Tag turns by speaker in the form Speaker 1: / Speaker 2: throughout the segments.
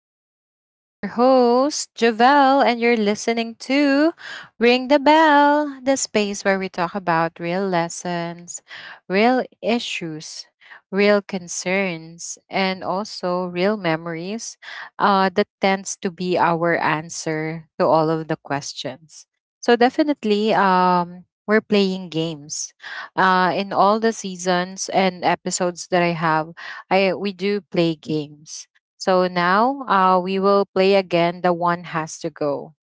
Speaker 1: the show. And I'm your host, Javelle, and you're listening to Ring the Bell, the space where we talk about real lessons, real issues, real concerns, and also real memories that tends to be our answer to all of the questions. So, definitely, we're playing games in all the seasons and episodes that I have. I we do play games. So now we will play again. The one has to go,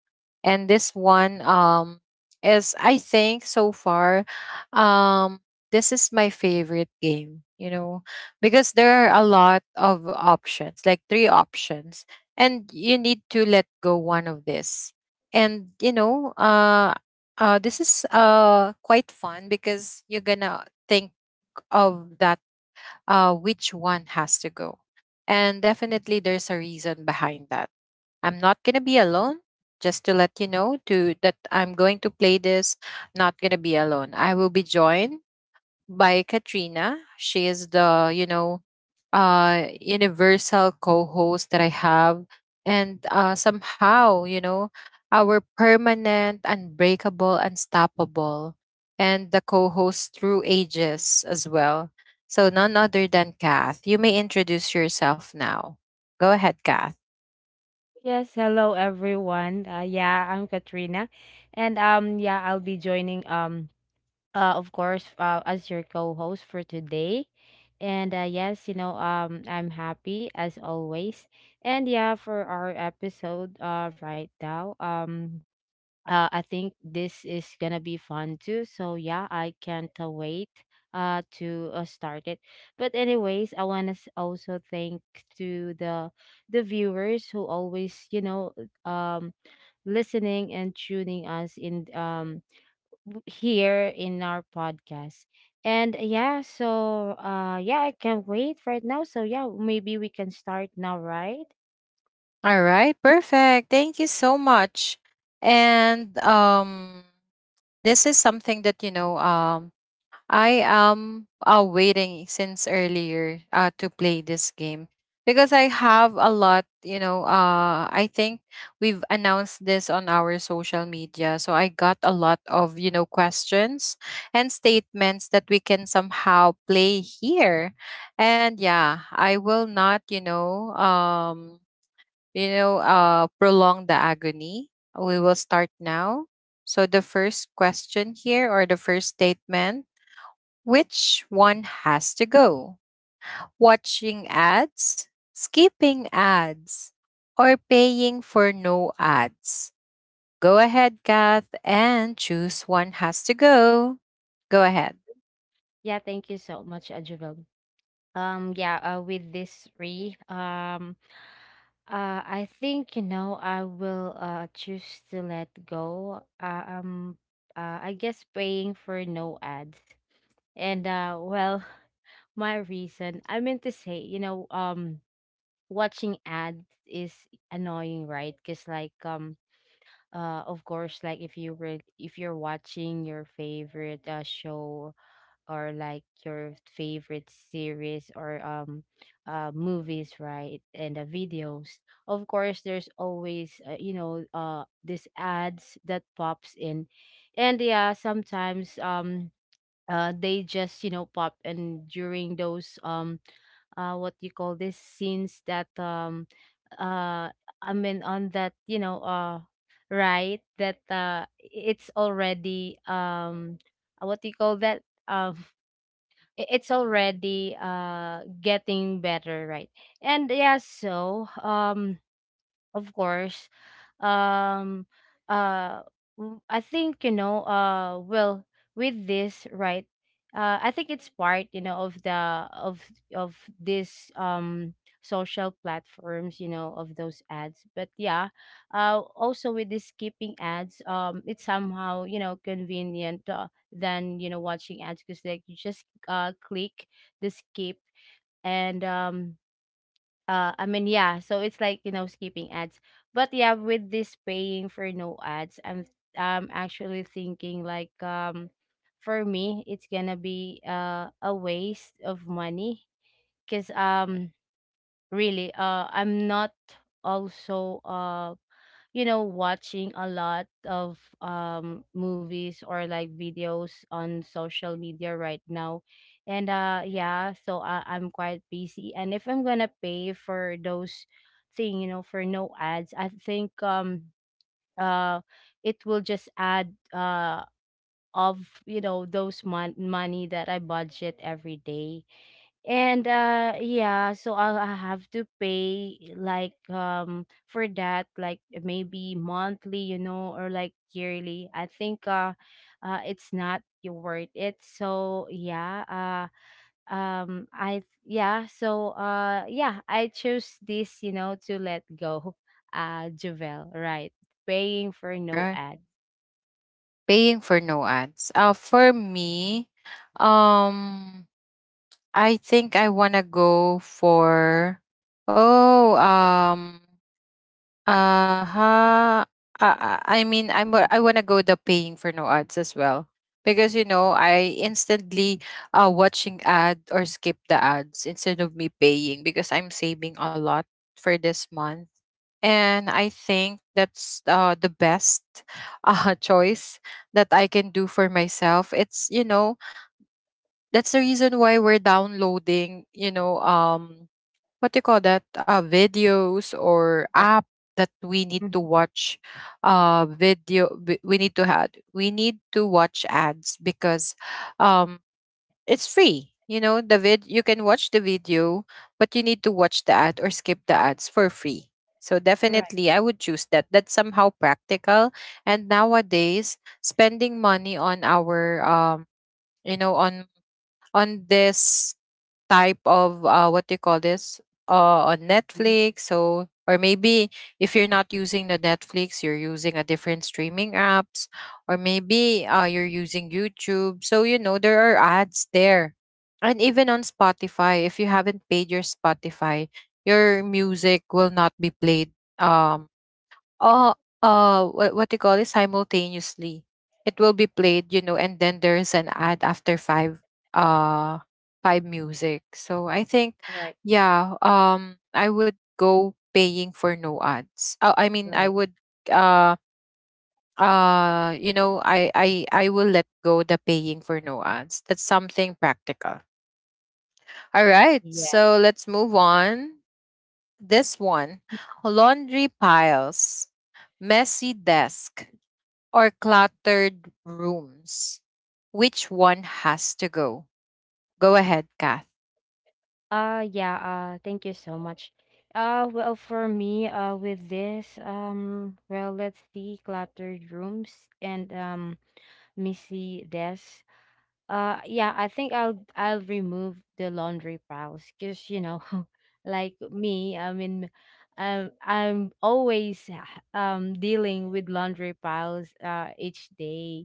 Speaker 1: and this one is, I think, so far, um this is my favorite game. Because there are a lot of options, like three options, and you need to let go one of this. And this is quite fun because you're gonna think of that, which one has to go. And definitely there's a reason behind that. I'm not going to be alone, just to let you know to that I'm going to play this, not going to be alone. I will be joined by Katrina. She is the, universal co-host that I have, and somehow, you know, our permanent, unbreakable, unstoppable, and the co-host through ages as well. So none other than Kath. You may introduce yourself now. Go ahead, Kath.
Speaker 2: Yes, hello everyone. Yeah, I'm Katrina, and yeah, I'll be joining, of course, as your co-host for today, and yes, I'm happy as always, and yeah, for our episode, right now, I think this is gonna be fun too. So yeah, I can't wait to start it. But anyways, I wanna also thank to the viewers who always uh, um listening and tuning us in, here in our podcast. And yeah, so yeah, I can't wait right now. So yeah, maybe we can start now, right?
Speaker 1: All right, perfect. Thank you so much. And this is something that I am waiting since earlier to play this game because I have a lot, you know, I think we've announced this on our social media. So I got a lot of, you know, questions and statements that we can somehow play here. And yeah, I will not, prolong the agony. We will start now. So the first question here, or the first statement, which one has to go? Watching ads, skipping ads, or paying for no ads? Go ahead, Kath, and choose one has to go. Go ahead.
Speaker 2: Yeah, thank you so much, Ajabel. Yeah, with this three, I think, I will choose to let go, I guess, paying for no ads. And well, my reason, I meant to say, watching ads is annoying, right? Because, of course, like, if you're watching your favorite show, or like your favorite series, or movies, right, and the videos, of course there's always, these ads that pops in. And yeah, sometimes, they just, pop, and during those, what you call this, scenes that, uh I mean, on that, right, that, it's already, what do you call that, um it's already, getting better, right? And yeah, so of course. Um, uh, I think, you know. Well, with this, right? I think it's part, of the of this, social platforms, of those ads, but yeah, also with this skipping ads, it's somehow, convenient than, watching ads, because like you just click the skip, and I mean, yeah, so it's like, skipping ads. But yeah, with this paying for no ads, I'm actually thinking, like, for me it's gonna be a waste of money, because really, I'm not also, watching a lot of, movies, or like videos on social media right now. And yeah, so I'm quite busy, and if I'm gonna pay for those thing, for no ads, I think, uh it will just add, of, those money that I budget every day. And yeah, so I have to pay, like, for that, like maybe monthly, you know, or like yearly. I think, it's not worth it. So yeah, I yeah, so yeah, I chose this, to let go. Javel, right. Paying for no
Speaker 1: Uh,
Speaker 2: ad.
Speaker 1: Paying for no ads. For me, um, I think I wanna go for oh um Uh-huh. I I mean, I wanna go the paying for no ads as well because, you know, I instantly watching ad or skip the ads instead of me paying because I'm saving a lot for this month, and I think that's the best choice that I can do for myself. It's, you know, that's the reason why we're downloading, what do you call that, videos or
Speaker 2: Right.
Speaker 1: app that we need to
Speaker 2: Mhm.
Speaker 1: watch, video, we need to watch ads because um it's free. You know, the vid you can watch the video, but you need to watch the ad or skip the ads for free. So
Speaker 2: Right.
Speaker 1: definitely I would choose that. That's somehow practical. And nowadays, spending money on our you know, on this type of, what do you call this, on
Speaker 2: Mhm.
Speaker 1: Netflix. So, or maybe if you're not using the Netflix, you're using a different streaming apps, or maybe you're using YouTube. So, you know, there are ads there, and even on Spotify, if you haven't paid your Spotify, your music will not be played. Um, uh what you call it, simultaneously it will be played, you know, and then there's an ad after five uh five music. So I think,
Speaker 2: Right.
Speaker 1: yeah, I would go paying for no ads. I mean, I
Speaker 2: Right.
Speaker 1: would uh you know, I will let go the paying for no ads. That's something practical. All right,
Speaker 2: Yeah.
Speaker 1: so let's move on. This one: laundry piles, messy desk, or cluttered rooms? Which one has to go? Go ahead, Kath.
Speaker 2: Yeah, thank you so much. Well, for me, with this, well, let's see, cluttered rooms and messy desks. Yeah, I think I'll remove the laundry piles because, like me, I mean, I'm always, dealing with laundry piles each day.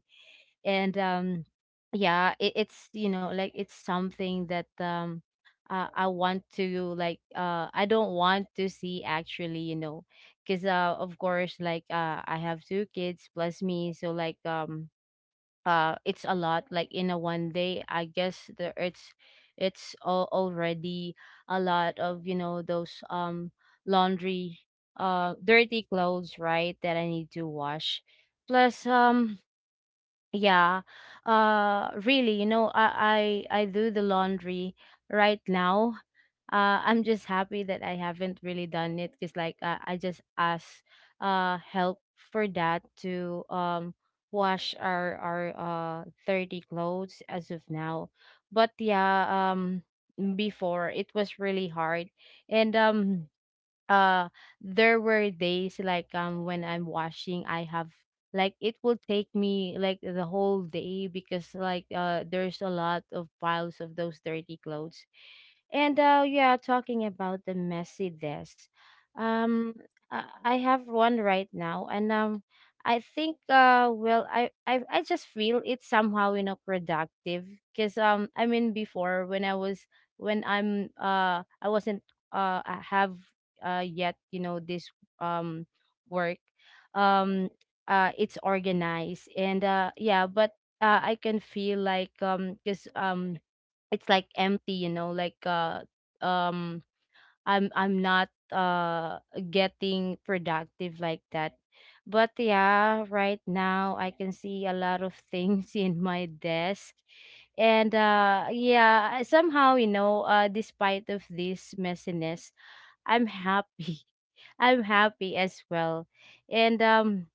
Speaker 2: And yeah, it's, like, it's something that, I want to, like, I don't want to see, actually, because of course, like, I have two kids plus me, so, like, it's a lot. Like in a one day I guess the it's all already a lot of, those, laundry, dirty clothes, right, that I need to wash, plus yeah. Really, I do the laundry right now. I'm just happy that I haven't really done it, because like, I just asked help for that, to wash our 30 clothes as of now. But yeah, before it was really hard. And uh there were days like, when I'm washing, I have, like, it will take me like the whole day, because like, there's a lot of piles of those dirty clothes. And yeah, talking about the messy desk. Um I have one right now, and I think, well, I just feel it's somehow, productive, because, I mean, before, when I was, when I'm I wasn't, I have yet, this, um work, um it's organized, and yeah, but I can feel like, because it's like empty, like, um I'm not getting productive like that. But yeah, right now I can see a lot of things in my desk, and yeah, somehow, despite of this messiness, I'm happy. I'm happy as well. And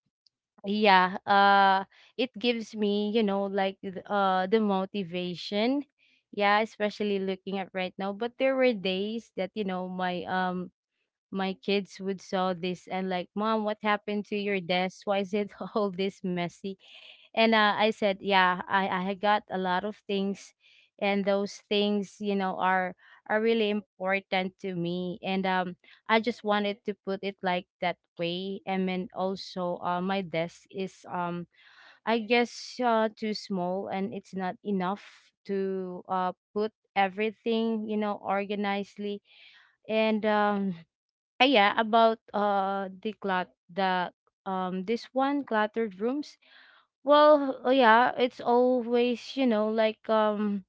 Speaker 2: yeah, it gives me, you know, like the motivation. Yeah, especially looking at right now. But there were days that, you know, my my kids would saw this, and like, Mom, what happened to your desk? Why is it all this messy? And I said, yeah, I had got a lot of things, and those things, you know, are really important to me, and I just wanted to put it like that way. And then also, my desk is, I guess, too small, and it's not enough to put everything, you know, organizedly. And yeah, about the clut the this one, cluttered rooms. Well, yeah, it's always, you know, like, um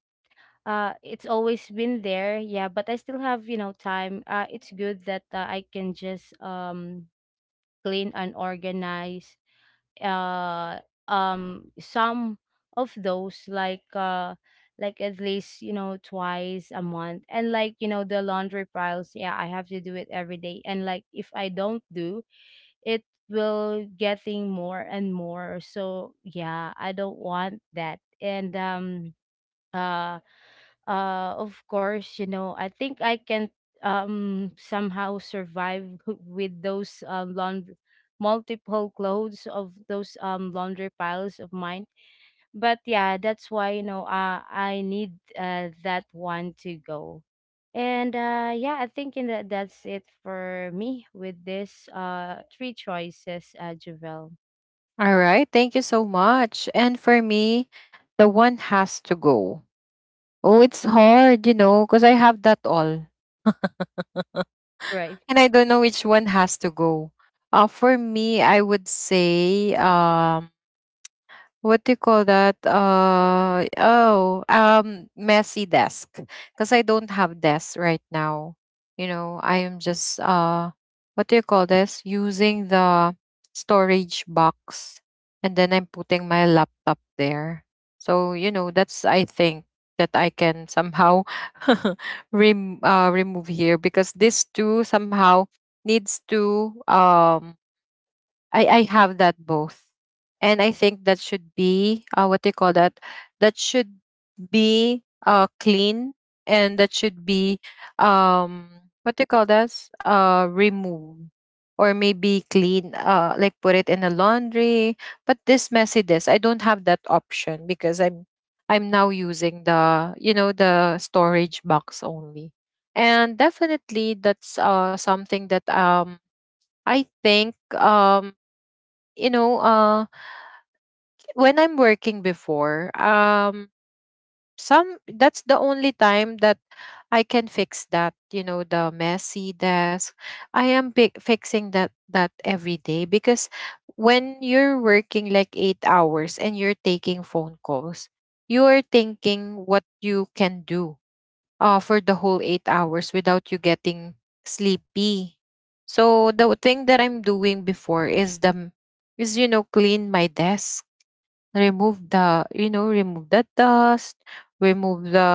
Speaker 2: uh it's always been there. Yeah, but I still have, you know, time. It's good that I can just clean and organize, uh some of those, like, like at least, you know, twice a month. And like, you know, the laundry piles, yeah, I have to do it every day. And like if I don't do it, will getting more and more, so yeah, I don't want that. And uh of course, you know, I think I can, somehow survive with those, laundry, multiple clothes of those, laundry piles of mine. But yeah, that's why, you know, I need that one to go. And yeah, I think, in that, that's it for me with this three choices, Javel,
Speaker 1: All right. Thank you so much. And for me, the one has to go. Oh, it's hard, you know, because I have that all and
Speaker 2: right.
Speaker 1: I don't know which one has to go. For me, I would say, what do you call that? Oh, messy desk. Cuz I don't have desk right now. You know, I am just what do you call this? Using the storage box and then I'm putting my laptop there. So, you know, that's, I think, that I can somehow remove here because these two somehow needs to, I have that both, and I think that should be, what do you call that? That should be clean, and that should be, um what do you call that? Remove or maybe clean, like put it in a laundry. But this messiness, I don't have that option because I'm now using, the you know, the storage box only. And definitely that's something that, I think, you know, when I'm working before, some, that's the only time that I can fix that. You know, the messy desk. Fixing that that every day because when you're working like 8 hours and you're taking phone calls, you are thinking what you can do for the whole 8 hours without you getting sleepy. So the thing that I'm doing before is the is you know, clean my desk, remove the, remove the dust, remove the,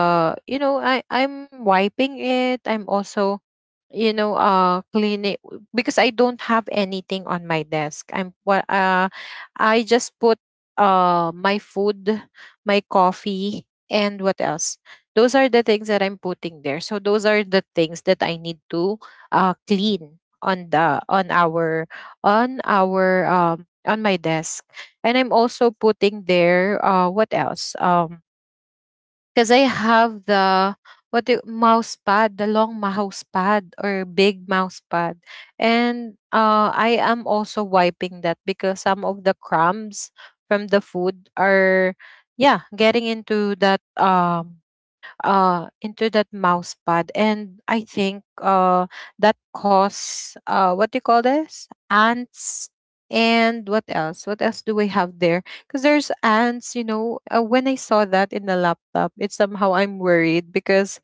Speaker 1: you know, I'm wiping it, I'm also, you know, clean it because I don't have anything on my desk. I just put my food, my coffee, and what else. Those are the things that I'm putting there, so those are the things that I need to clean on the, on my desk. And I'm also putting there, what else, because I have the, mouse pad, the long mouse pad or big mouse pad, and I am also wiping that because some of the crumbs from the food are, yeah, getting into that, into that mouse pad, and I think that caused, what do you call this, ants. And what else, what else do we have there because there's ants, you know. When I saw that in the laptop, it somehow, I'm worried because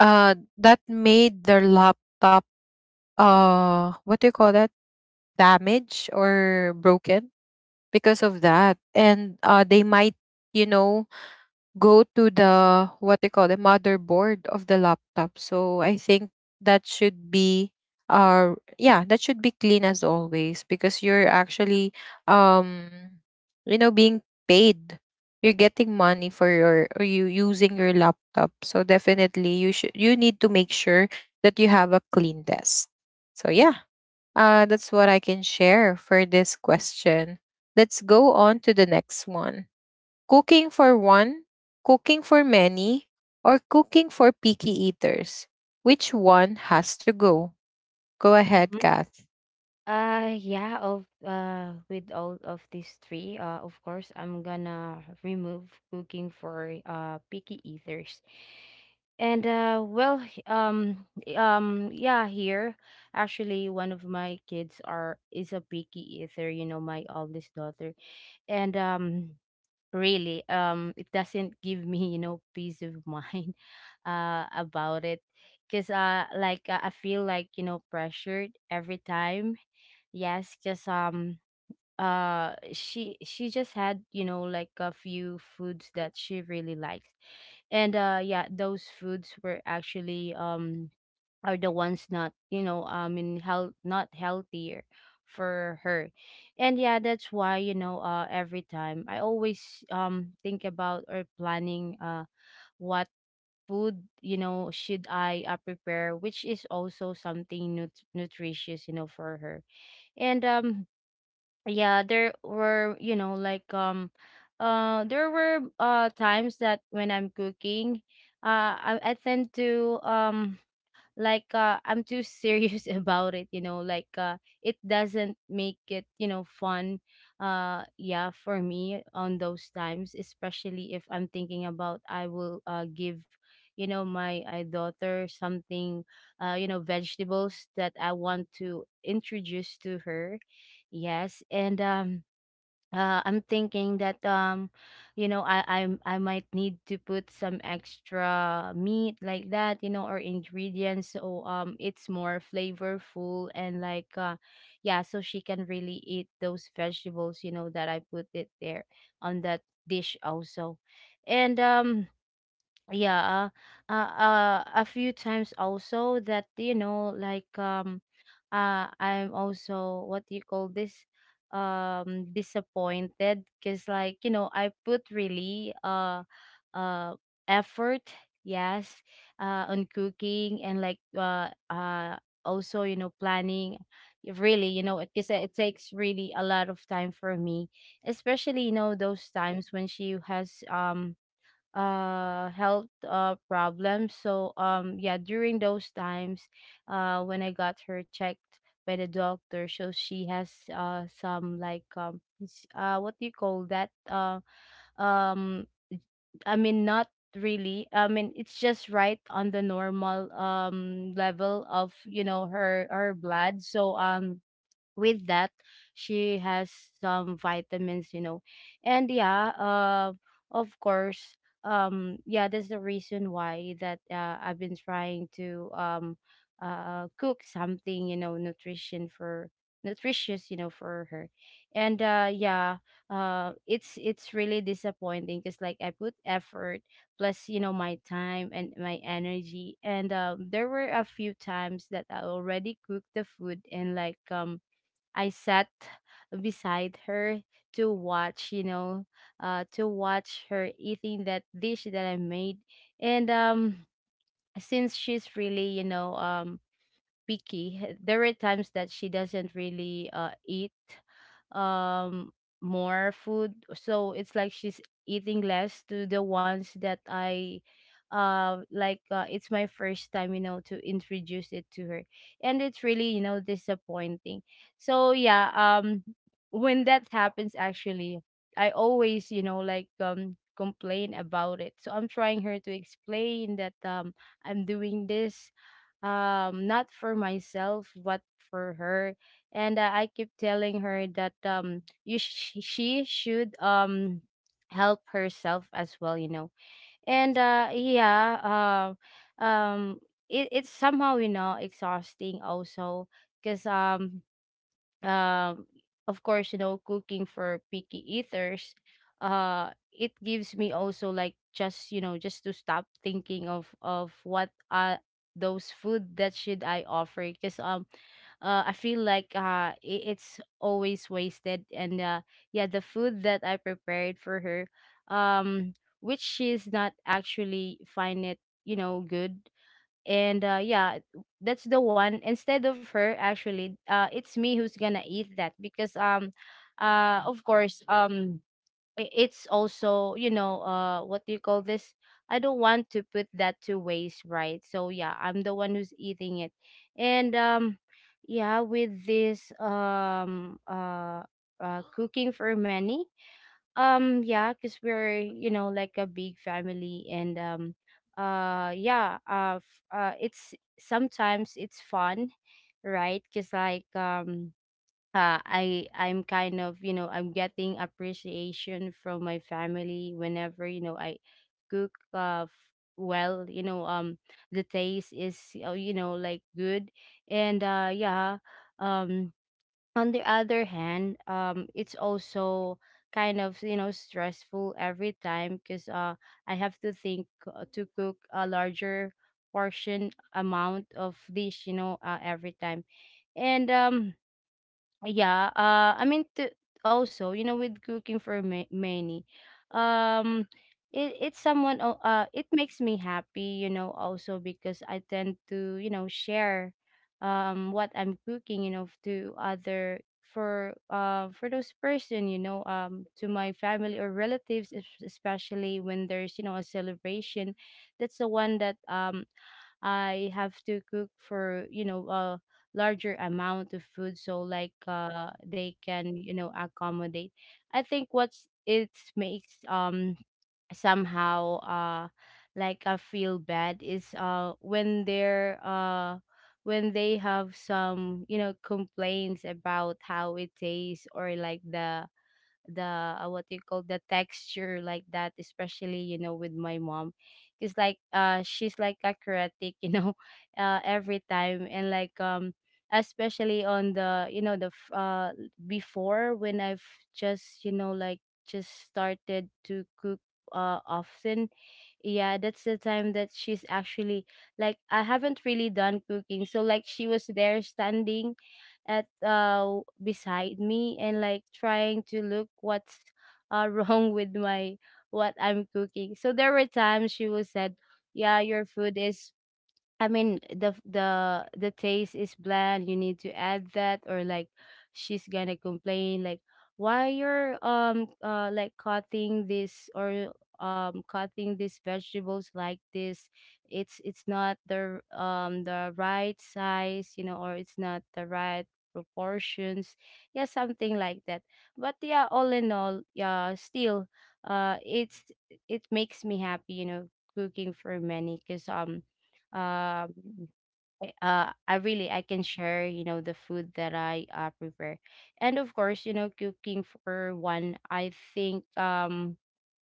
Speaker 1: that made their laptop, what do you call that, damaged or broken because of that, and they might, you know, go to the, what they call, the motherboard of the laptop. So I think that should be, yeah, that should be clean as always, because you're actually, um you know, being paid. You're getting money for your, or you using your laptop. So definitely you need to make sure that you have a clean desk. So yeah, that's what I can share for this question. Let's go on to the next one: cooking for one, cooking for many, or cooking for picky eaters? Which one has to go? Go ahead, Kath.
Speaker 2: Yeah, of with all of these three, of course I'm gonna remove cooking for picky eaters. And well, yeah, here actually one of my kids are is a picky eater, you know, my oldest daughter. And really, it doesn't give me, you know, peace of mind, about it, because like, I feel like, you know, pressured every time. Yes, just, she just had, you know, like a few foods that she really likes. And yeah, those foods were actually, are the ones not, you know, I mean, health not healthier for her. And yeah, that's why, you know, every time I always, think about or planning, what food, you know, should I prepare, which is also something, nutritious, you know, for her. And yeah, there were, you know, like, there were times that when I'm cooking, I tend to, like, I'm too serious about it, you know, like, it doesn't make it, you know, fun, yeah, for me, on those times, especially if I'm thinking about, I will give, you know, my daughter something, you know, vegetables that I want to introduce to her. Yes, and I'm thinking that, you know, I might need to put some extra meat like that, you know, or ingredients, so it's more flavorful, and like, yeah, so she can really eat those vegetables, you know, that I put it there on that dish also. And um yeah, a few times also that I'm also, what do you call this, disappointed because, like, I put really uh effort, yes, on cooking, and also, you know, planning, really, you know, because it takes really a lot of time for me, especially, you know, those times when she has health problems. So yeah, during those times, when I got her checked by the doctor, so she has some, like, what do you call that, um I mean, not really, I mean, it's just right on the normal level of, you know, her blood. So with that, she has some vitamins, you know. And yeah Of course. Yeah, that's the reason why that, I've been trying to, cook something, you know, nutrition for nutritious, you know, for her. And yeah It's really disappointing because, like, I put effort plus, you know, my time and my energy. And there were a few times that I already cooked the food, and I sat beside her to watch, you know, to watch her eating that dish that I made. And Since she's really, you know, picky. There were times that she doesn't really eat um more food, so it's like she's eating less to the ones that I it's my first time, you know, to introduce it to her, and it's really, you know, disappointing. so yeah um when that happens, actually, I always, you know, complain about it, so I'm trying her to explain that I'm doing this not for myself but for her. And I keep telling her that she should help herself as well, you know. And yeah um it, it's somehow, you know, exhausting also, because um, of course, you know, cooking for picky eaters, it gives me also, like, just, you know, just to stop thinking of what those food that should I offer, because I feel like, it's always wasted. And yeah, the food that I prepared for her, um which she's not actually find it, you know, good. And yeah, that's the one, instead of her, actually, it's me who's gonna eat that, because of course, it's also, you know, what do you call this, I don't want to put that to waste, right? So yeah, I'm the one who's eating it. And yeah With this cooking for many, yeah, because we're, you know, like a big family. And yeah, it's sometimes it's fun, right? Because I'm kind of, you know, I'm getting appreciation from my family whenever, you know, I cook, well, you know, the taste is you know, like, good. and uh yeah, um on the other hand, it's also kind of, you know, stressful every time, because I have to think, to cook a larger portion amount of dish, you know, every time. And Yeah, I mean, t also, you know, with cooking for ma many, um, it it makes me happy, you know, also, because I tend to, you know, share, what I'm cooking, you know, to other, for those person, you know, to my family or relatives, especially when there's, you know, a celebration. That's the one that, I have to cook for, you know, a larger amount of food, so like they can, you know, accommodate. I think what's it makes somehow like, I feel bad is when they're when they have some, you know, complaints about how it tastes, or like the what you call, the texture like that, especially, you know, with my mom, because she's like acrobatic, you know, every time. And especially on the, you know, before, when I've just, you know, like, just started to cook often. Yeah, that's the time that she's actually, like, I haven't really done cooking, so like, she was there standing at beside me, and like, trying to look what's wrong with my, what I'm cooking. So there were times she was said, "Yeah, your food is, I mean, the the taste is bland. You need to add that, or like, she's gonna complain, like, why you're like cutting this, or cutting these vegetables like this. It's not the the right size, you know, or it's not the right proportions." Yeah, something like that. But yeah, all in all, yeah, still, it's, it makes me happy, you know, cooking for many, cause um I really I can share, you know, the food that I, prepare. And of course, you know, cooking for one, um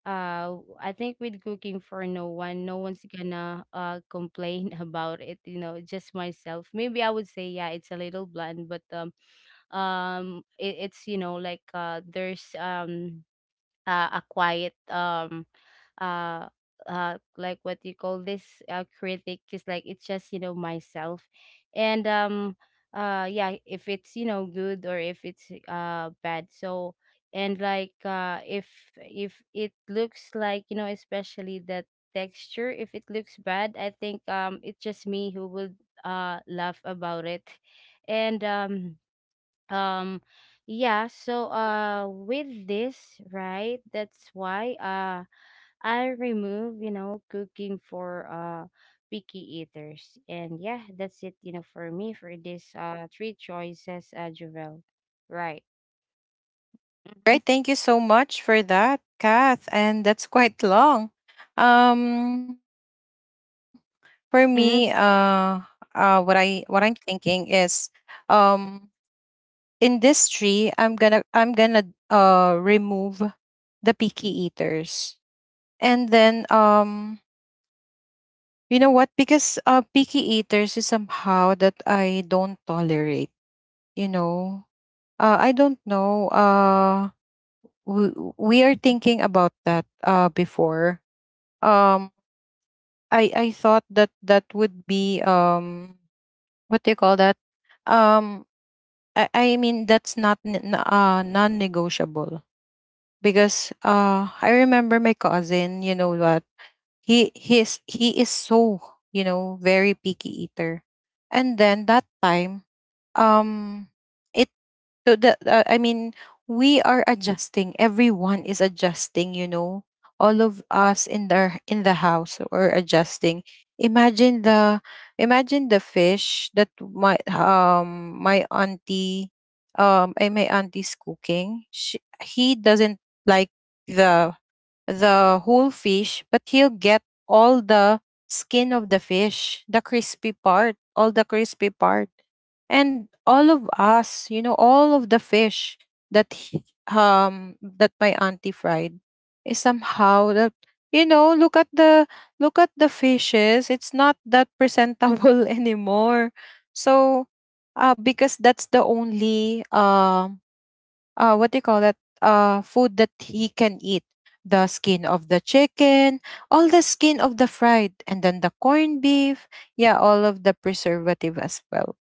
Speaker 2: uh I think with cooking for no one, no one's gonna complain about it, you know, just myself. Maybe I would say, yeah, it's a little blunt. But it, it's, you know, like, there's a quiet uh like, what you call this, critic is, like, it's just, you know, myself. And yeah, if it's, you know, good, or if it's bad. So, and like, if it looks like, you know, especially that texture, if it looks bad, I think it's just me who would laugh about it. And um yeah, so with this, right, that's why I remove, you know, cooking for picky eaters. And yeah, that's it, you know, for me, for this three choices, Jovel. Right.
Speaker 1: Right.
Speaker 2: Mm-hmm.
Speaker 1: Thank you so much for that, Kath. And that's quite long. Um, for me,
Speaker 2: Mm-hmm.
Speaker 1: what I what I'm thinking is, um, in this tree, I'm gonna remove the picky eaters, and then, you know what? Because picky eaters is somehow that I don't tolerate. You know, I don't know. We we are thinking about that before. Um, I thought that that would be, what do you call that? Um, I mean that's not, non-negotiable, because I remember my cousin. You know what? He is so, you know, very picky eater. And then that time, um it so the I mean, we are adjusting everyone is adjusting, you know, all of us in the, house are adjusting. imagine the Imagine the fish that my, my auntie, my auntie's cooking. He doesn't like the the whole fish, but he'll get all the skin of the fish, the crispy part, all the crispy part. And all of us, you know, all of the fish that he- that my auntie fried is somehow that, you know, look at the, look at the fishes, it's not that presentable anymore. So because that's the only, what do you call that, food that he can eat. The skin of the chicken, all the skin of the fried, and then the corned beef. Yeah, all of the preservative as well.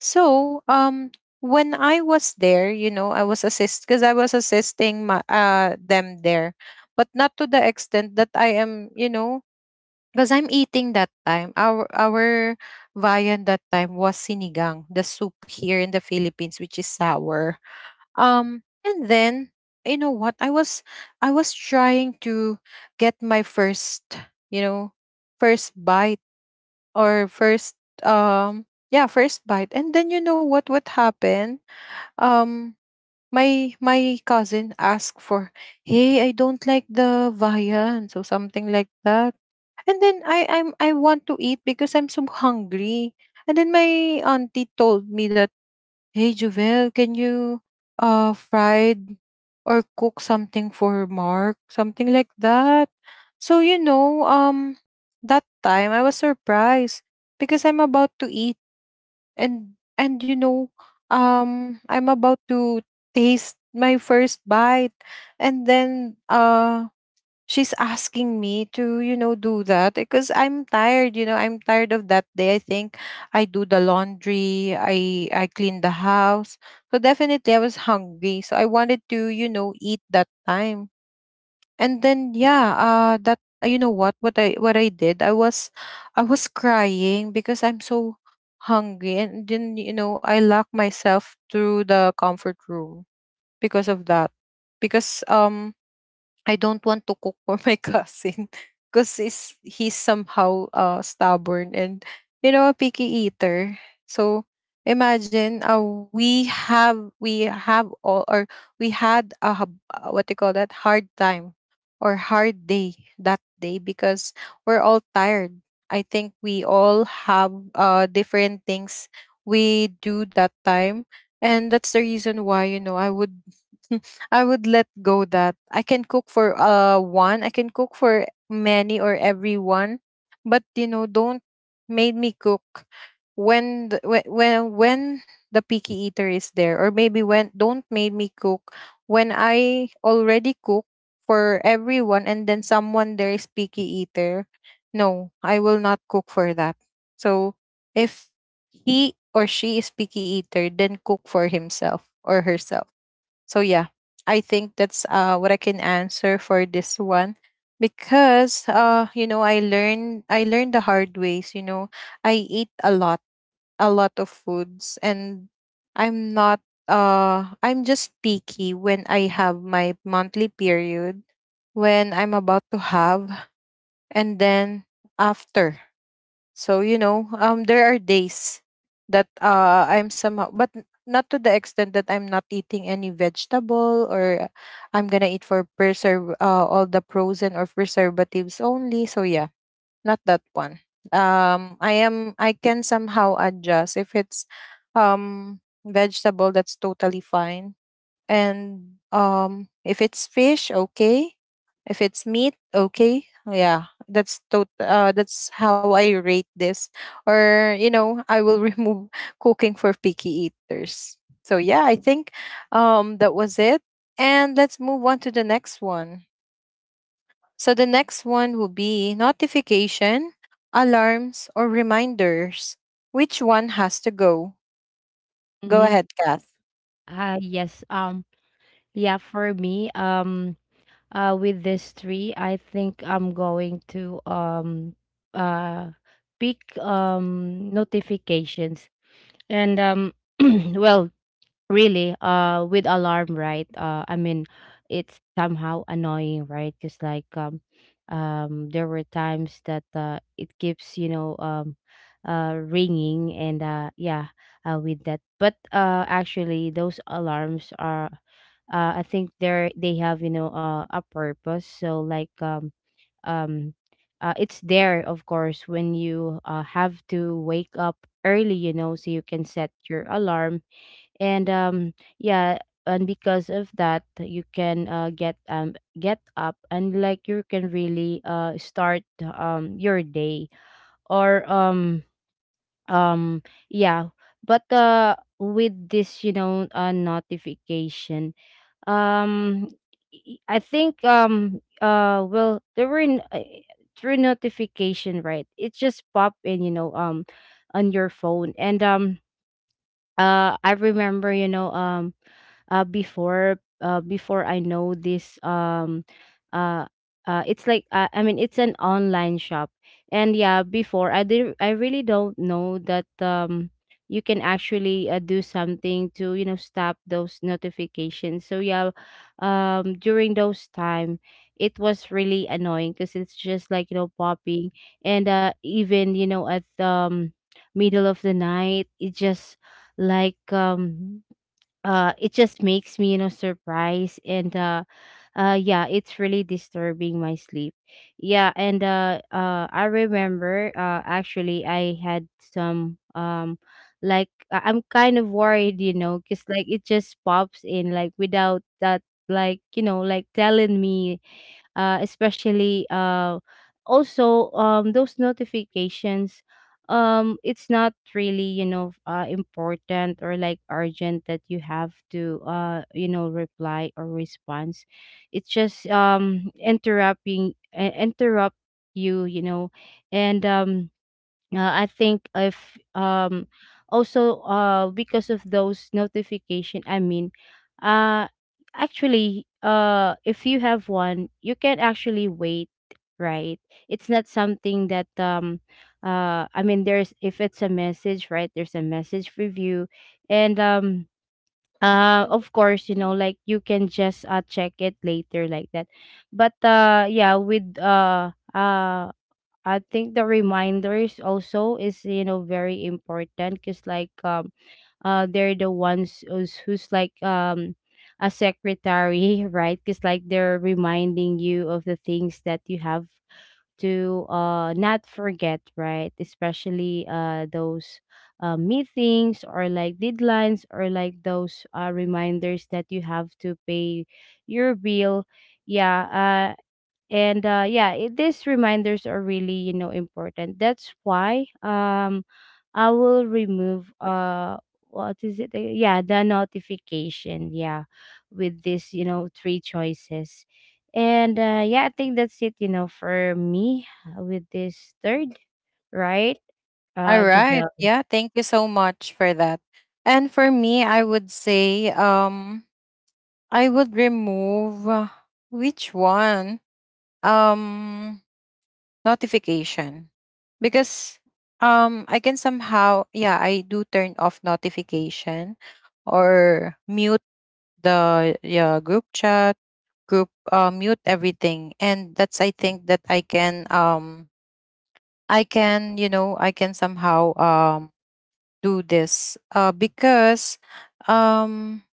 Speaker 1: So, when I was there, you know, I was assist because I was assisting my, them there, but not to the extent that I am, you know, because I'm eating that time. Our viand that time was sinigang, the soup here in the Philippines, which is sour. And then what I was trying to get my first, you know first bite, or first, um yeah, first bite. And then you know what happened? um my cousin asked for, "Hey, I don't like the viand," so something like that. And then I want to eat because I'm so hungry. And then my auntie told me that, "Hey Jovel, can you fried or cook something for Mark?" Something like that. So that time I was surprised because I'm about to eat. And I'm about to taste my first bite. And then she's asking me to do that because I'm tired. I'm tired of that day, I think. I do the laundry, I clean the house. So definitely I was hungry, so I wanted to eat that time. And then yeah, that you know what I did. I was crying because I'm so hungry. And then I locked myself through the comfort room because of that. Because I don't want to cook for my cousin because he's somehow stubborn, and, a picky eater. So imagine, we have all, or we had a what do you call that, hard time or hard day that day because we're all tired. I think we all have, different things we do that time, and that's the reason why I would. I would let go that I can cook for one, I can cook for many or everyone, but you know, don't made me cook when the, whe- when the picky eater is there, or maybe when don't made me cook when I already cook for everyone and then someone there is picky eater. No, I will not cook for that. So if he or she is picky eater, then cook for himself or herself. So yeah, I think that's what I can answer for this one, because you know, I learned the hard ways, you know. I eat a lot of foods, and I'm not, I'm just picky when I have my monthly period, when I'm about to have, and then after. So you know, there are days that I'm somehow, but not to the extent that I'm not eating any vegetable, or I'm gonna eat for, preserve all the frozen or preservatives only. So yeah, not that one. I can somehow adjust if it's, um vegetable, that's totally fine. And if it's fish, okay. If it's meat, okay. Yeah, that's that's how I rate this. Or, you know, I will remove cooking for picky eaters. So yeah, I think that was it. And let's move on to the next one. So the next one will be notification, alarms, or reminders. Which one has to go? Go
Speaker 2: Mm-hmm.
Speaker 1: ahead, Kath.
Speaker 2: Yes. Yeah, for me, with this three, I think I'm going to uh pick notifications. And well, really with alarm, right, I mean, it's somehow annoying, right, because there were times that it keeps, you know, ringing. And yeah, with that, but actually, those alarms are, I think, they're, they have, you know, a purpose. So um it's there, of course, when you have to wake up early, you know, so you can set your alarm. And yeah, and because of that, you can get up, and like, you can really start your day, or um yeah. But with this, you know, notification, um I think well, there were through notification, right, it just pop in, you know, on your phone. And I remember, you know, before, before I know this uh, it's like, I mean, it's an online shop, and yeah, before, I did, I really don't know that you can actually do something to, you know, stop those notifications. So yeah, during those time, it was really annoying because it's just like, you know, popping. And even, you know, at middle of the night, it just like um it just makes me, you know, surprised. And yeah, it's really disturbing my sleep, yeah. And I remember, actually, I had some like, I'm kind of worried, you know, because like, it just pops in, like, without that, like, you know, like, telling me, especially, also, those notifications, it's not really, you know, important or like urgent, that you have to you know, reply or response. It's just interrupting, interrupt you, you know. And I think if also because of those notification, I mean, uh actually, if you have one, you can actually wait, right? It's not something that I mean, there's, if it's a message, right? There's a message review, and of course, you know, like, you can just check it later like that. But yeah, with I think the reminders also is, you know, very important because they're the ones who's like a secretary right? Because like, they're reminding you of the things that you have to not forget, right? Especially those meetings, or like deadlines, or like those reminders that you have to pay your bill. Yeah. and yeah, these reminders are really, you know, important. That's why I will remove what is it yeah, the notification, yeah, with this, you know, three choices. And yeah, I think that's it, you know, for me. With this third, right,
Speaker 1: All right.
Speaker 2: Javel.
Speaker 1: Yeah, thank you so much for that. And for me, I would say, I would remove, which one? Um Notification. Because I can somehow, yeah, I do turn off notification or mute the, yeah, group chat, group, mute everything. And that's, I think that I can, I can, you know, I can somehow do this, because um,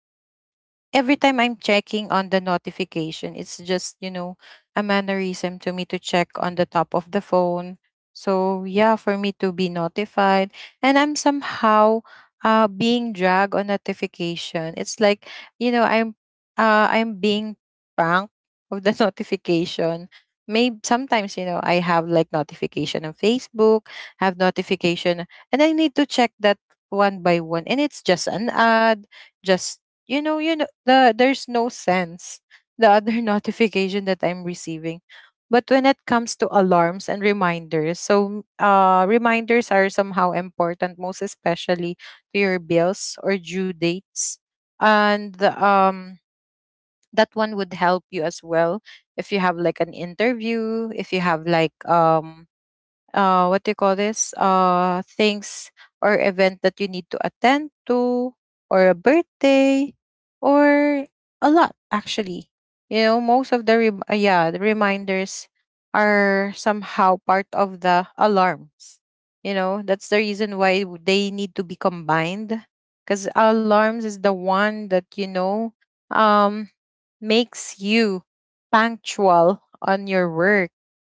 Speaker 1: every time I'm checking on the notification, it's just, you know, a mannerism to me to check on the top of the phone. So, yeah, for me to be notified. And I'm somehow, being dragged on notification. It's like, you know, I'm, I'm being pranked of the notification. Maybe sometimes, you know, I have like notification on Facebook, have notification, and I need to check that one by one. And it's just an ad, just, you know, there's no sense, the other notification that I'm receiving. But when it comes to alarms and reminders, so reminders are somehow important, most especially to your bills or due dates. And that one would help you as well, if you have like an interview, if you have like, what do you call this, things or event that you need to attend to, or a birthday, or a lot actually. You know, most of the yeah, the reminders are somehow part of the alarms, you know. That's the reason why they need to be combined, because alarms is the one that, you know, um makes you punctual on your work.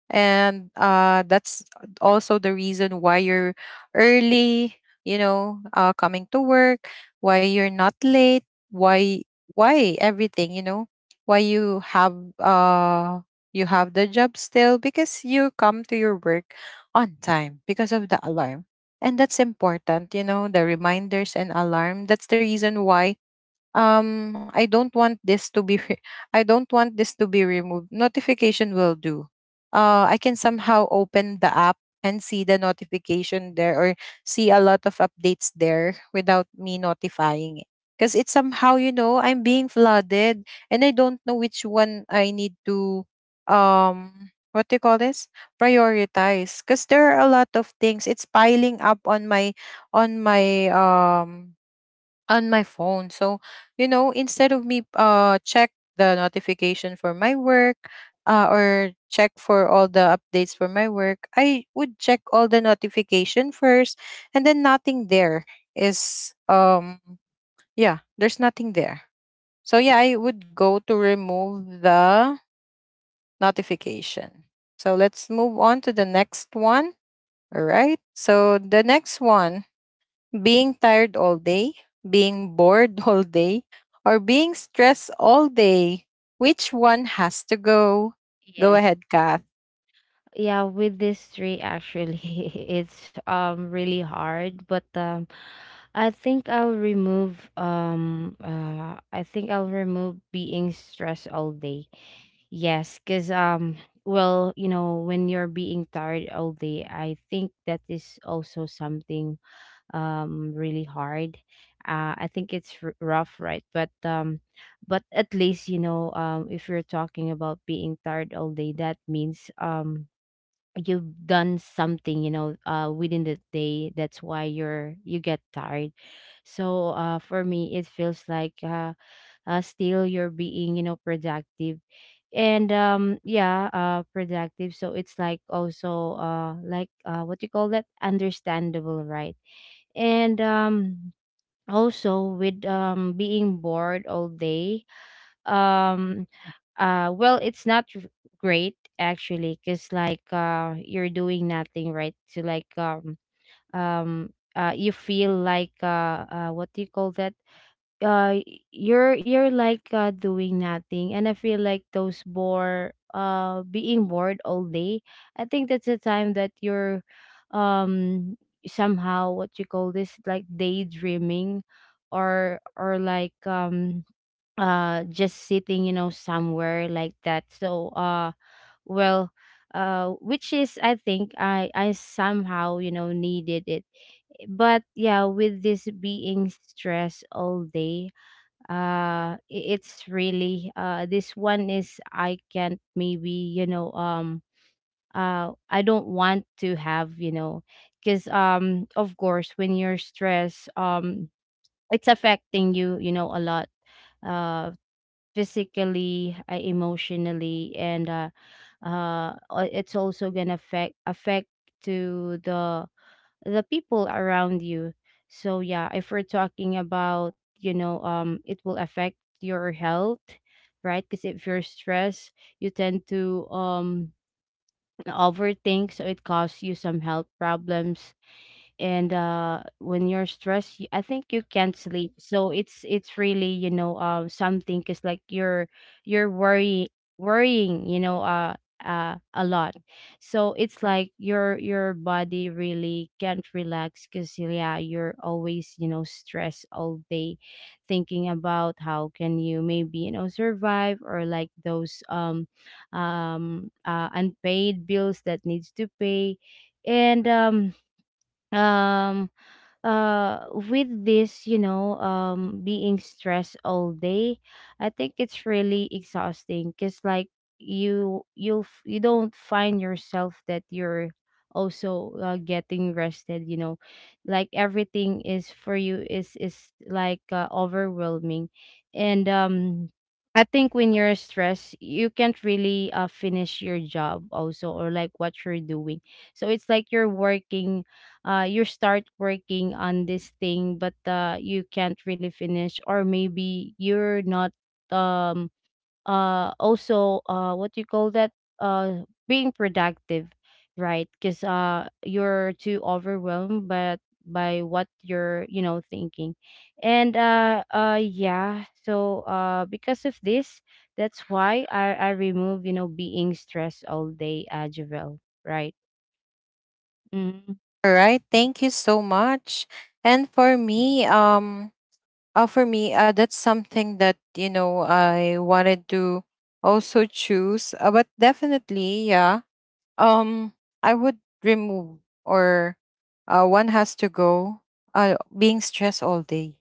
Speaker 1: And, that's also the reason why you're early, you know, coming to work, why you're not late, why why everything, you know, why you have, you have the job still, because you come to your work on time because of the alarm. And that's important, you know, the reminders and alarm. That's the reason why I don't want this to be I don't want this to be removed. Notification will do. I can somehow open the app and see the notification there, or see a lot of updates there without me notifying it, because it's somehow, you know, I'm being flooded, and I don't know which one I need to, what do you call this, prioritize, because there are a lot of things, it's piling up on my, on my, on my phone. So, you know, instead of me check the notification for my work, or check for all the updates for my work, I would check all the notification first, and then nothing there is, yeah, there's nothing there. So yeah, I would go to remove the notification. So let's move on to the next one. All right. So the next one, being tired all day, being bored all day, or being stressed all day. Which one has to go? Go
Speaker 2: Yes.
Speaker 1: ahead, Kath.
Speaker 2: Yeah, with these three, actually it's really hard, but I think I'll remove I think I'll remove being stressed all day. Yes, because well, you know, when you're being tired all day, I think that is also something really hard. I think it's rough, right? But but at least, you know, if you're talking about being tired all day, that means you've done something, you know, within the day. That's why you get tired. So for me, it feels like still you're being, you know, productive. And yeah, productive, so it's like also like what you call that, understandable, right? And also with being bored all day, um well, it's not great, actually, because like you're doing nothing, right? To like um you feel like what do you call that? uh y- you're like doing nothing. And I feel like those bore being bored all day, I think that's the time that you're um somehow, what you call this, like daydreaming, or like just sitting, you know, somewhere, like that. So well, which is, I think, I somehow, you know, needed it. But yeah, with this being stressed all day, it's really this one is, I can't maybe, you know, I don't want to have, you know, because of course, when you're stressed, it's affecting you, you know, a lot, uh physically, emotionally, and it's also gonna affect to the people around you. So yeah, if we're talking about, you know, it will affect your health, right? Because if you're stressed, you tend to overthink, so it causes you some health problems. And when you're stressed, I think you can't sleep, so it's really, you know, something, because like, you're you're worrying, you know, a lot. So it's like your body really can't relax because yeah, you're always, you know, stressed all day, thinking about how can you maybe, you know, survive, or like those unpaid bills that needs to pay. And um with this, you know, being stressed all day, I think it's really exhausting, because like, you'll you don't find yourself that you're also getting rested, you know. Like everything is, for you, is like overwhelming. And I think when you're stressed, you can't really finish your job also, or like what you're doing. So it's like you're working, you start working on this thing, but you can't really finish, or maybe you're not um also what do you call that, uh being productive, right? Because you're too overwhelmed but by what you're, you know, thinking. And yeah, so because of this, that's why I remove, you know, being stressed all day, Javel, right? Mm-hmm.
Speaker 1: All right, thank you so much. And for me, that's something that you know I wanted to also choose. But definitely, yeah. Um, I would remove, or, one has to go. Being stressed all day.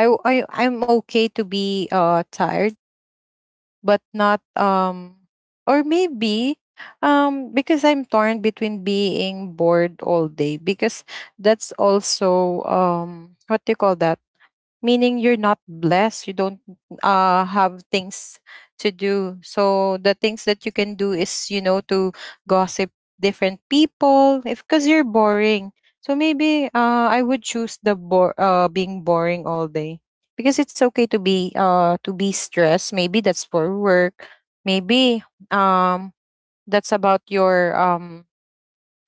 Speaker 1: I w- I I'm okay to be tired, but not, or maybe, because I'm torn between being bored all day, because that's also, what do you call that, meaning you're not blessed, you don't have things to do. So the things that you can do is, you know, to gossip different people if, because you're boring. So maybe I would choose the being boring all day, because it's okay to be, to be stressed, maybe that's for work. Maybe um that's about your,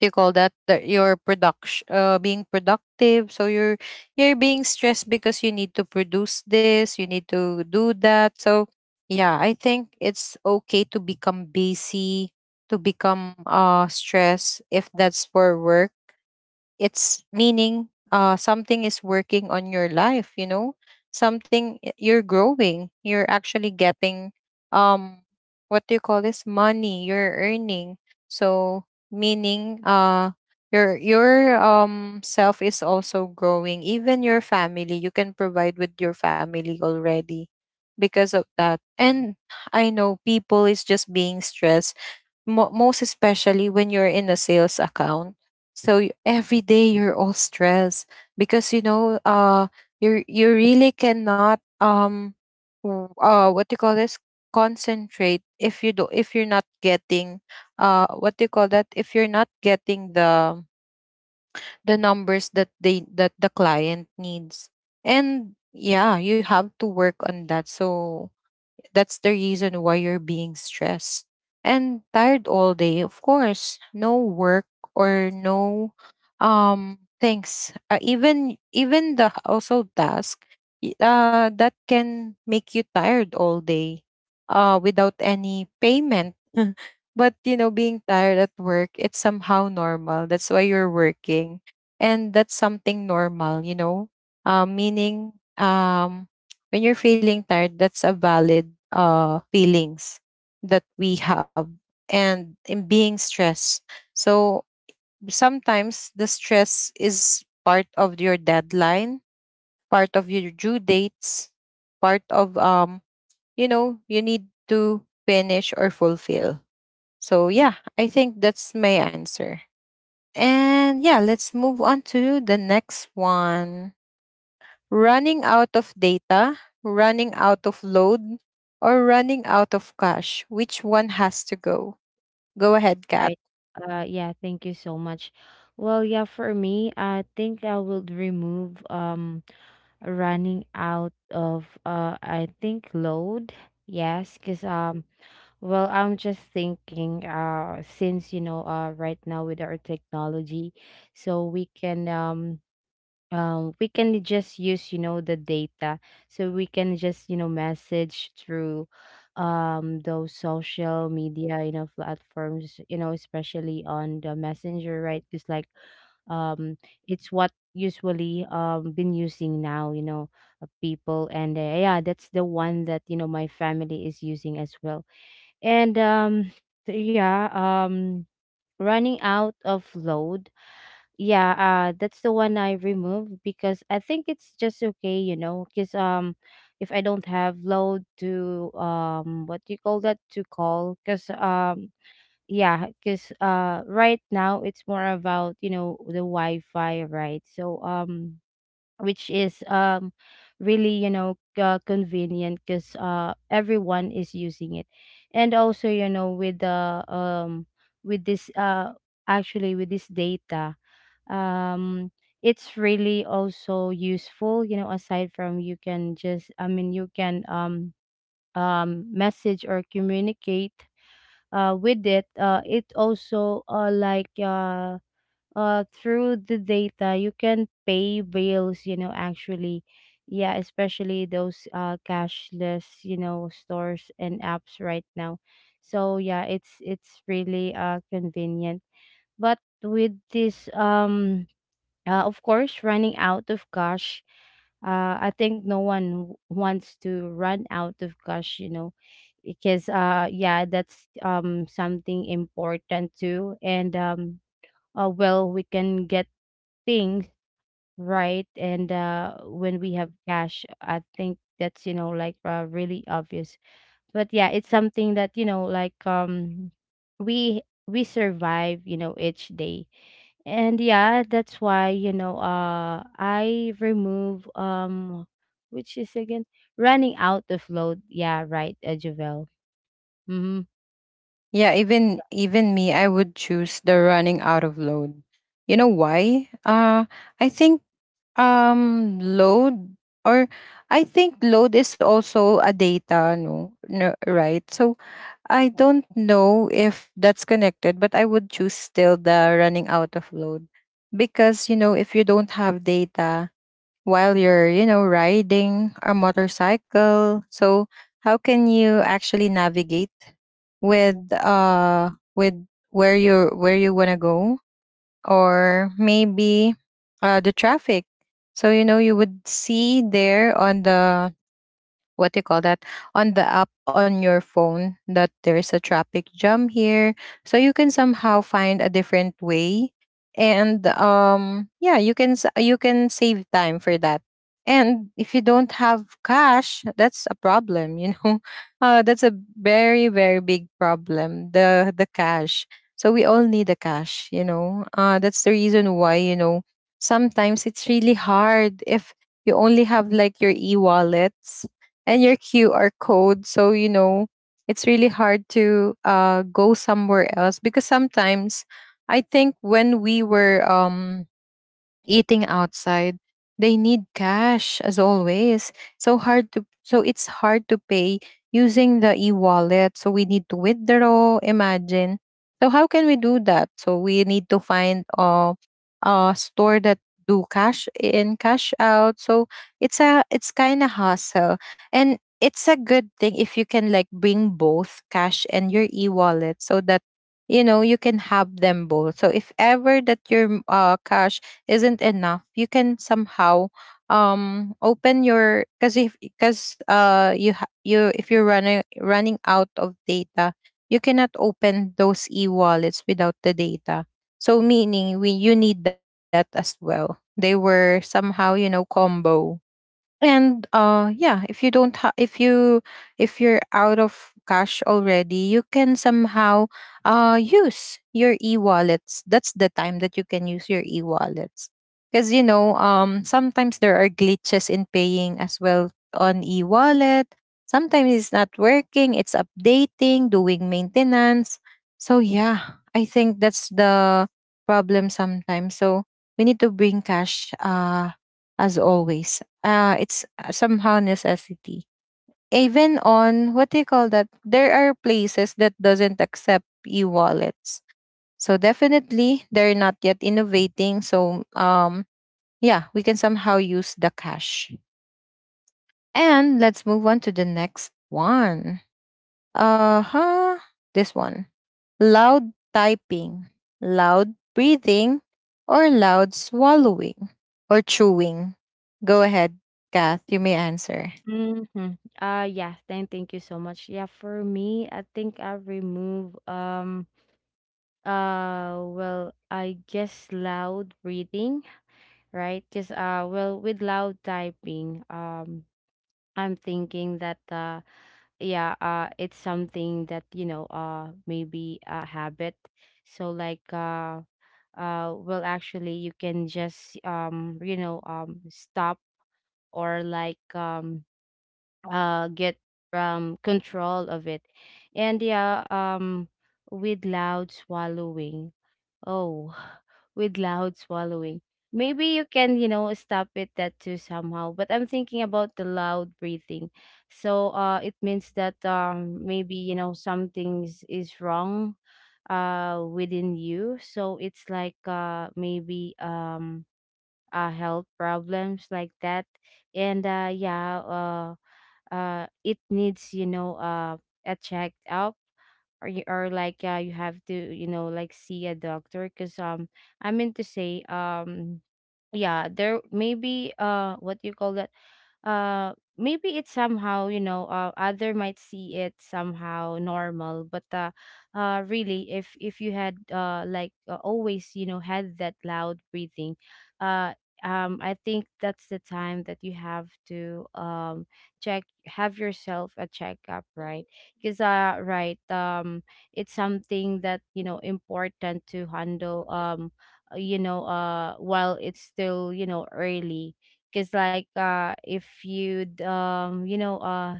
Speaker 1: you call that, that your production, being productive, so you're being stressed because you need to produce this, you need to do that. So yeah, I think it's okay to become busy, to become stressed if that's for work. It's meaning something is working on your life, you know, something, you're growing, you're actually getting, um what do you call this, money, you're earning. So meaning, your, self is also growing, even your family, you can provide with your family already because of that. And I know people is just being stressed, most especially when you're in a sales account. So every day you're all stressed, because you know, you really cannot, what do you call this, concentrate if you do, if you're not getting, what do you call that, if you're not getting the numbers that they, that the client needs. And yeah, you have to work on that, so that's the reason why you're being stressed and tired all day. Of course, no work or no, things. Even, even the also task, that can make you tired all day, without any payment. But you know, being tired at work, it's somehow normal. That's why you're working. And that's something normal, you know. Meaning, um when you're feeling tired, that's a valid feelings that we have, and in being stressed. So sometimes the stress is part of your deadline, part of your due dates, part of, you know, you need to finish or fulfill. So yeah, I think that's my answer. And yeah, let's move on to the next one. Running out of data, running out of load, or running out of cash, which one has to go? Go ahead, Kat.
Speaker 2: Right. Yeah, thank you so much. Well, yeah, for me, I think I would remove running out of I think load. Yes, because well, I'm just thinking since, you know, right now, with our technology, so we can just use, you know, the data, so we can just, you know, message through those social media, you know, platforms, you know, especially on the messenger, right? Just like um it's what usually been using now, you know, people. And yeah, that's the one that, you know, my family is using as well. And so yeah, um running out of load, yeah, that's the one I removed, because I think it's just okay, you know, because if I don't have load to what do you call that, to call, because yeah, because right now it's more about, you know, the Wi-Fi, right? So which is really, you know, convenient because everyone is using it. And also, you know, with the with this actually with this data, um it's really also useful, you know, aside from, you can just, I mean, you can message or communicate with it. It also like through the data, you can pay bills, you know, actually. Yeah, especially those cashless, you know, stores and apps right now. So yeah, it's really convenient. But with this, of course, running out of cash. I think no one wants to run out of cash, you know, because yeah, that's something important too. And well, we can get things, right? And when we have cash, I think that's, you know, like really obvious. But yeah, it's something that, you know, like, we survive, you know, each day. And yeah, that's why, you know, I remove, which is, again, running out of load. Yeah, right, Javel. Mm-hmm.
Speaker 1: Yeah, even me, I would choose the running out of load. You know why? I think load, or I think load is also a data, no, no, right? So I don't know if that's connected, but I would choose still the running out of load, because you know, if you don't have data while you're, you know, riding a motorcycle. So how can you actually navigate with uh with where you want to go, or maybe the traffic. So you know you would see there on the, what do you call that, on the app on your phone that there's a traffic jam here, so you can somehow find a different way. And yeah, you can you can save time for that. And if you don't have cash, that's a problem, you know. That's a very big problem, the cash. So we all need the cash, you know. That's the reason why, you know, sometimes it's really hard if you only have like your e-wallets and your QR code. So, you know, it's really hard to go somewhere else, because sometimes, I think when we were eating outside, they need cash as always, so hard to, so it's hard to pay using the e-wallet, so we need to withdraw, imagine. So how can we do that? So we need to find a store that do cash in, cash out. So it's a, it's kind of hassle. And it's a good thing if you can like bring both cash and your e-wallet, so that you know you can have them both. So if ever that your cash isn't enough, you can somehow open your, because if, because you you, if you're running out of data, you cannot open those e-wallets without the data. So meaning, we, you need that as well, they were somehow you know combo. And yeah, if you don't if you, if you're out of cash already, you can somehow use your e-wallets. That's the time that you can use your e-wallets, because you know sometimes there are glitches in paying as well on e-wallet. Sometimes it's not working, it's updating, doing maintenance. So yeah, I think that's the problem sometimes. So we need to bring cash, as always. It's somehow necessity. Even on, what do you call that? There are places that doesn't accept e-wallets. So definitely they're not yet innovating. So yeah, we can somehow use the cash. And let's move on to the next one. Uh-huh. This one. Loud typing, loud breathing, or loud swallowing or chewing. Go ahead, Kath, you may answer.
Speaker 2: Mm-hmm. Yeah, thank you so much. Yeah, for me, I think I remove well, I guess loud breathing, right? Cuz well, with loud typing, I'm thinking that yeah, it's something that, you know, maybe a habit. So like well, actually, you can just you know, stop or like get control of it. And yeah, with loud swallowing. Oh, with loud swallowing. Maybe you can, you know, stop it that too somehow. But I'm thinking about the loud breathing. So it means that maybe, you know, something is wrong within you. So it's like maybe health problems, like that. And yeah, it needs, you know, a check up or you or like you have to, you know, like, see a doctor, because I meant to say yeah, there maybe, what do you call that, uh maybe it's somehow, you know, other might see it somehow normal, but really, if you had like always, you know, had that loud breathing, uh I think that's the time that you have to check, have yourself a checkup, right? Because right, it's something that, you know, important to handle, you know, while it's still, you know, early. Because like, if you'd you know,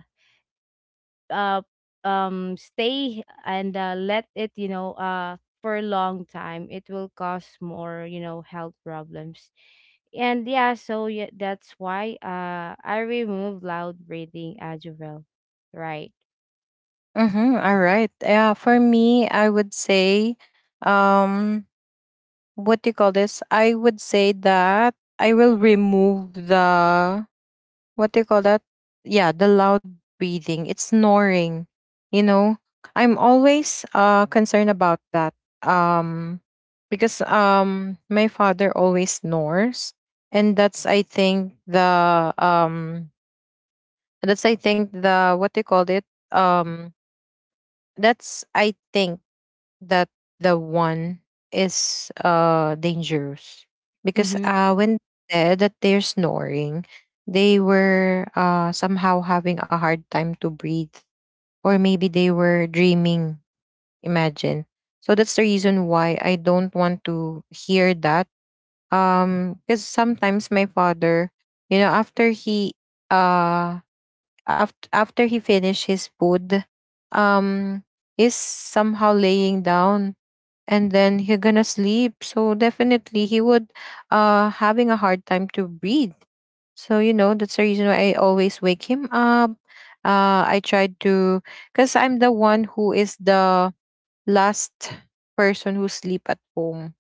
Speaker 2: uh stay and let it, you know, for a long time, it will cause more, you know, health problems. And yeah, so yeah, that's why I remove loud breathing, adjuvel, right?
Speaker 1: Mm-hmm. All right. Yeah, for me, I would say, um, what do you call this? I would say that I will remove the, what do you call that? Yeah, the loud breathing. It's snoring. You know, I'm always concerned about that. Um, because my father always snores, and that's I think the that's I think the, what do you call it? Um, that's I think that the one is dangerous, because
Speaker 2: Mm-hmm.
Speaker 1: when they said that they're snoring, they were somehow having a hard time to breathe, or maybe they were dreaming, imagine. So that's the reason why I don't want to hear that. Because sometimes my father, you know, after he uh after he finished his food, um is somehow laying down, and then he gonna sleep. So definitely he would having a hard time to breathe. So you know that's the reason why I always wake him up. I try to, because I'm the one who is the last person who sleep at home,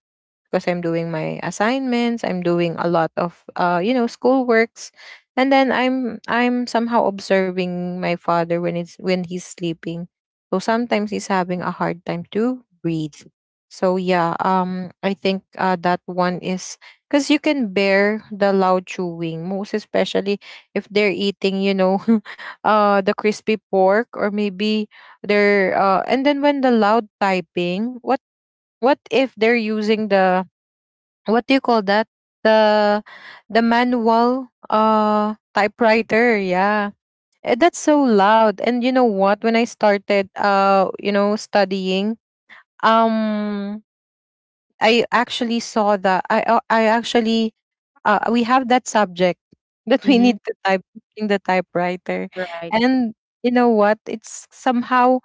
Speaker 1: because I'm doing my assignments, I'm doing a lot of you know, school works. And then I'm somehow observing my father when it's when he's sleeping. So sometimes he's having a hard time to breathe. So yeah, I think that one is, because you can bear the loud chewing, most especially if they're eating, you know, the crispy pork, or maybe they're and then when the loud typing, what if they're using the, what do you call that, the the manual typewriter, yeah. Eh, that's so loud. And you know what, when I started you know studying, um I actually saw that I actually we have that subject that we need
Speaker 2: Mm-hmm.
Speaker 1: to type in the typewriter.
Speaker 2: Right.
Speaker 1: And you know what, it's somehow,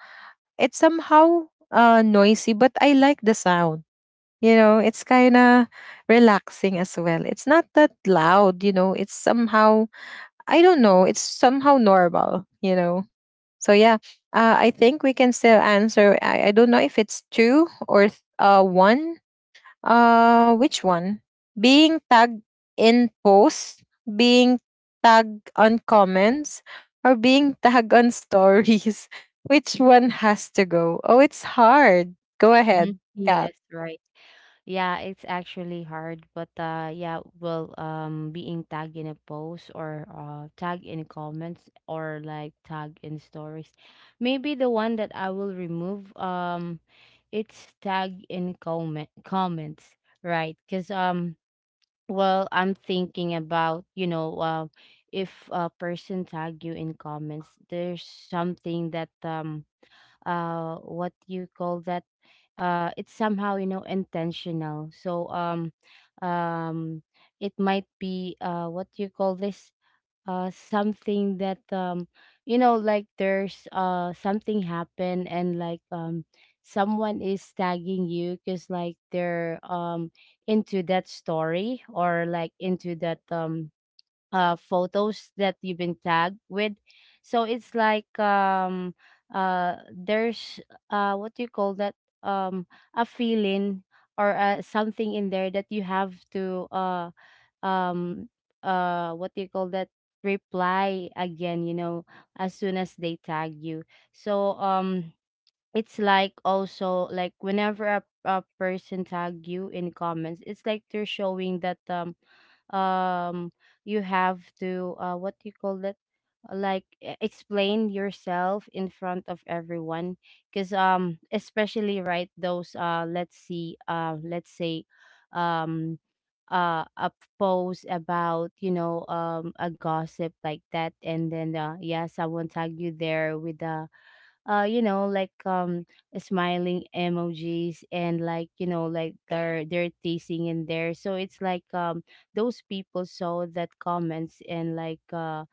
Speaker 1: it's somehow noisy, but I like the sound. You know, it's kind of relaxing as well. It's not that loud, you know. It's somehow, I don't know, it's somehow normal, you know. So, yeah, I think we can still answer. I don't know if it's two or one. Which one? Being tagged in posts, being tagged on comments, or being tagged on stories. Which one has to go? Oh, it's hard. Go
Speaker 2: Mm-hmm.
Speaker 1: ahead, Kat.
Speaker 2: Yes. Right. Yeah, it's actually hard, but yeah, well, being tagged in a post, or tagged in comments, or like tagged in stories. Maybe the one that I will remove, it's tagged in comments, right? Cause well, I'm thinking about, you know, if a person tag you in comments, there's something that what you call that, it's somehow, you know, intentional. So um it might be what you call this, something that, you know, like, there's something happened and like someone is tagging you because like they're into that story, or like, into that photos that you've been tagged with. So it's like there's what do you call that, um a feeling, or something in there that you have to um what do you call that, reply again, you know, as soon as they tag you. So it's like also like whenever a person tag you in comments, it's like they're showing that um you have to what do you call it, like explain yourself in front of everyone. Because especially, right, those let's see, let's say um a post about, you know, a gossip, like that, and then yeah, someone tag you there with you know, like smiling emojis and like, you know, like, they're teasing in there. So it's like those people saw that comments, and like uh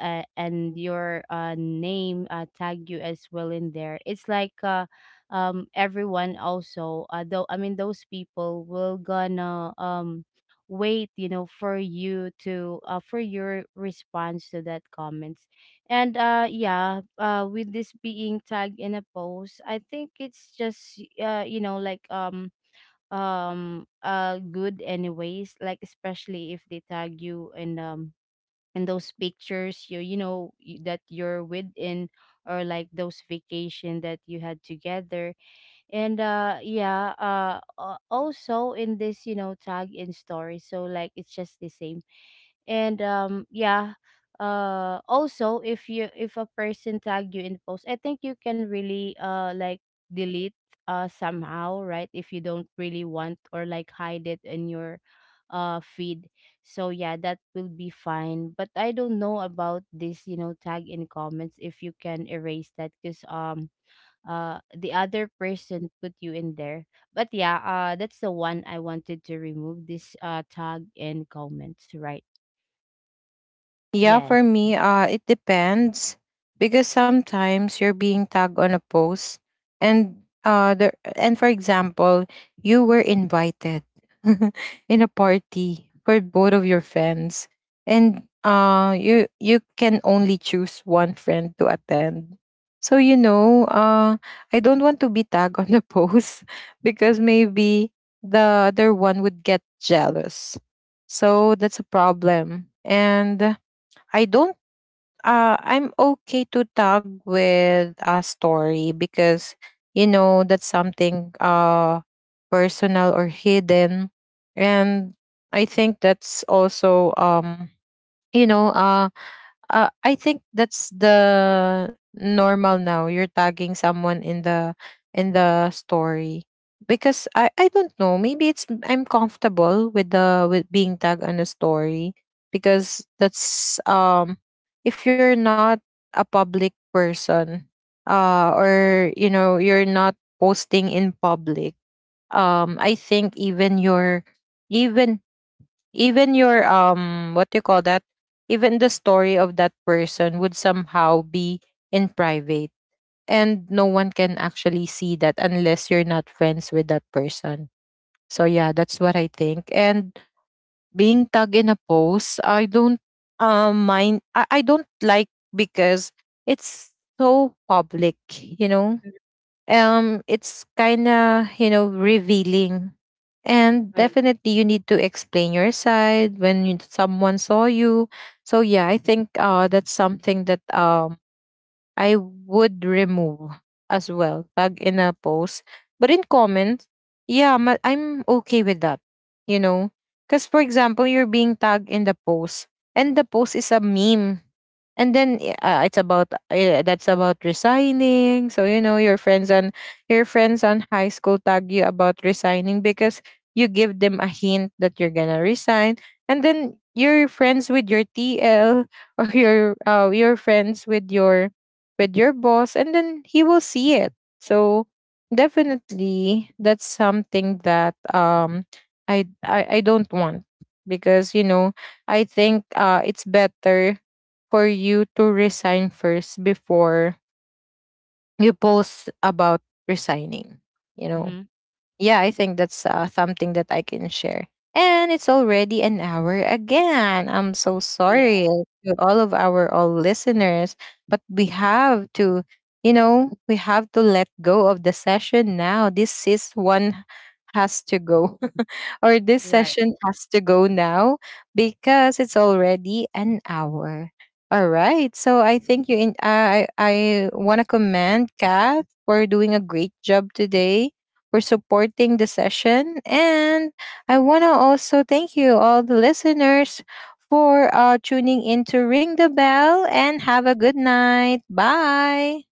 Speaker 2: uh, and your name tag you as well in there. It's like everyone also though, I mean, those people will gonna wait, you know, for you to for your response to that comments. And yeah, with this being tagged in a post, I think it's just you know, like good anyways, like, especially if they tag you in and those pictures, you know, that you're within, or like those vacation that you had together. And yeah, also in this, you know, tag in story, so like, it's just the same. And yeah, also, if you if a person tagged you in post, I think you can really, like, delete somehow, right? If you don't really want, or like, hide it in your feed. So yeah, that will be fine. But I don't know about this, you know, tag in comments, if you can erase that, because the other person put you in there. But yeah, that's the one I wanted to remove, this tag in comments, right?
Speaker 1: Yeah,
Speaker 2: Yes.
Speaker 1: for me, it depends, because sometimes you're being tagged on a post, and and for example, you were invited in a party for both of your friends, and you can only choose one friend to attend. So you know, I don't want to be tagged on the post, because maybe the other one would get jealous. So that's a problem. And I don't, I'm okay to tag with a story, because you know that's something personal or hidden. And I think that's also you know I think that's the normal now. You're tagging someone in the, in the story. Because I don't know, maybe it's, I'm comfortable with the, with being tagged on a story, because that's if you're not a public person, or you know you're not posting in public, I think even your, even even your what do you call that, even the story of that person would somehow be in private, and no one can actually see that unless you're not friends with that person. So yeah, that's what I think. And being tagged in a post, I don't mind, I don't like, because it's so public, you know, it's kind of you know revealing, and
Speaker 2: Right.
Speaker 1: definitely you need to explain your side when you, someone saw you. So yeah, I think that's something that I would remove as well, tag in a post. But in comments, yeah, I'm okay with that. You know, because for example, you're being tagged in the post, and the post is a meme, and then it's about that's about resigning. So you know, your friends on high school tag you about resigning, because you give them a hint that you're gonna resign, and then you're friends with your TL or your friends with your, with your boss, and then he will see it. So definitely that's something that I don't want, because you know I think it's better for you to resign first before you post about resigning, you know.
Speaker 2: Mhm.
Speaker 1: Yeah, I think that's something that I can share. And it's already an hour again. I'm so
Speaker 2: Yeah,
Speaker 1: sorry to all of our all listeners, but we have to, you know, we have to let go of the session now. This is one has to go, or this
Speaker 2: right.
Speaker 1: session has to go now, because it's already an hour. All right. So I think you in I want to commend Kath for doing a great job today for supporting the session. And I want to also thank you, all the listeners, for tuning in to Ring the Bell, and have a good night. Bye.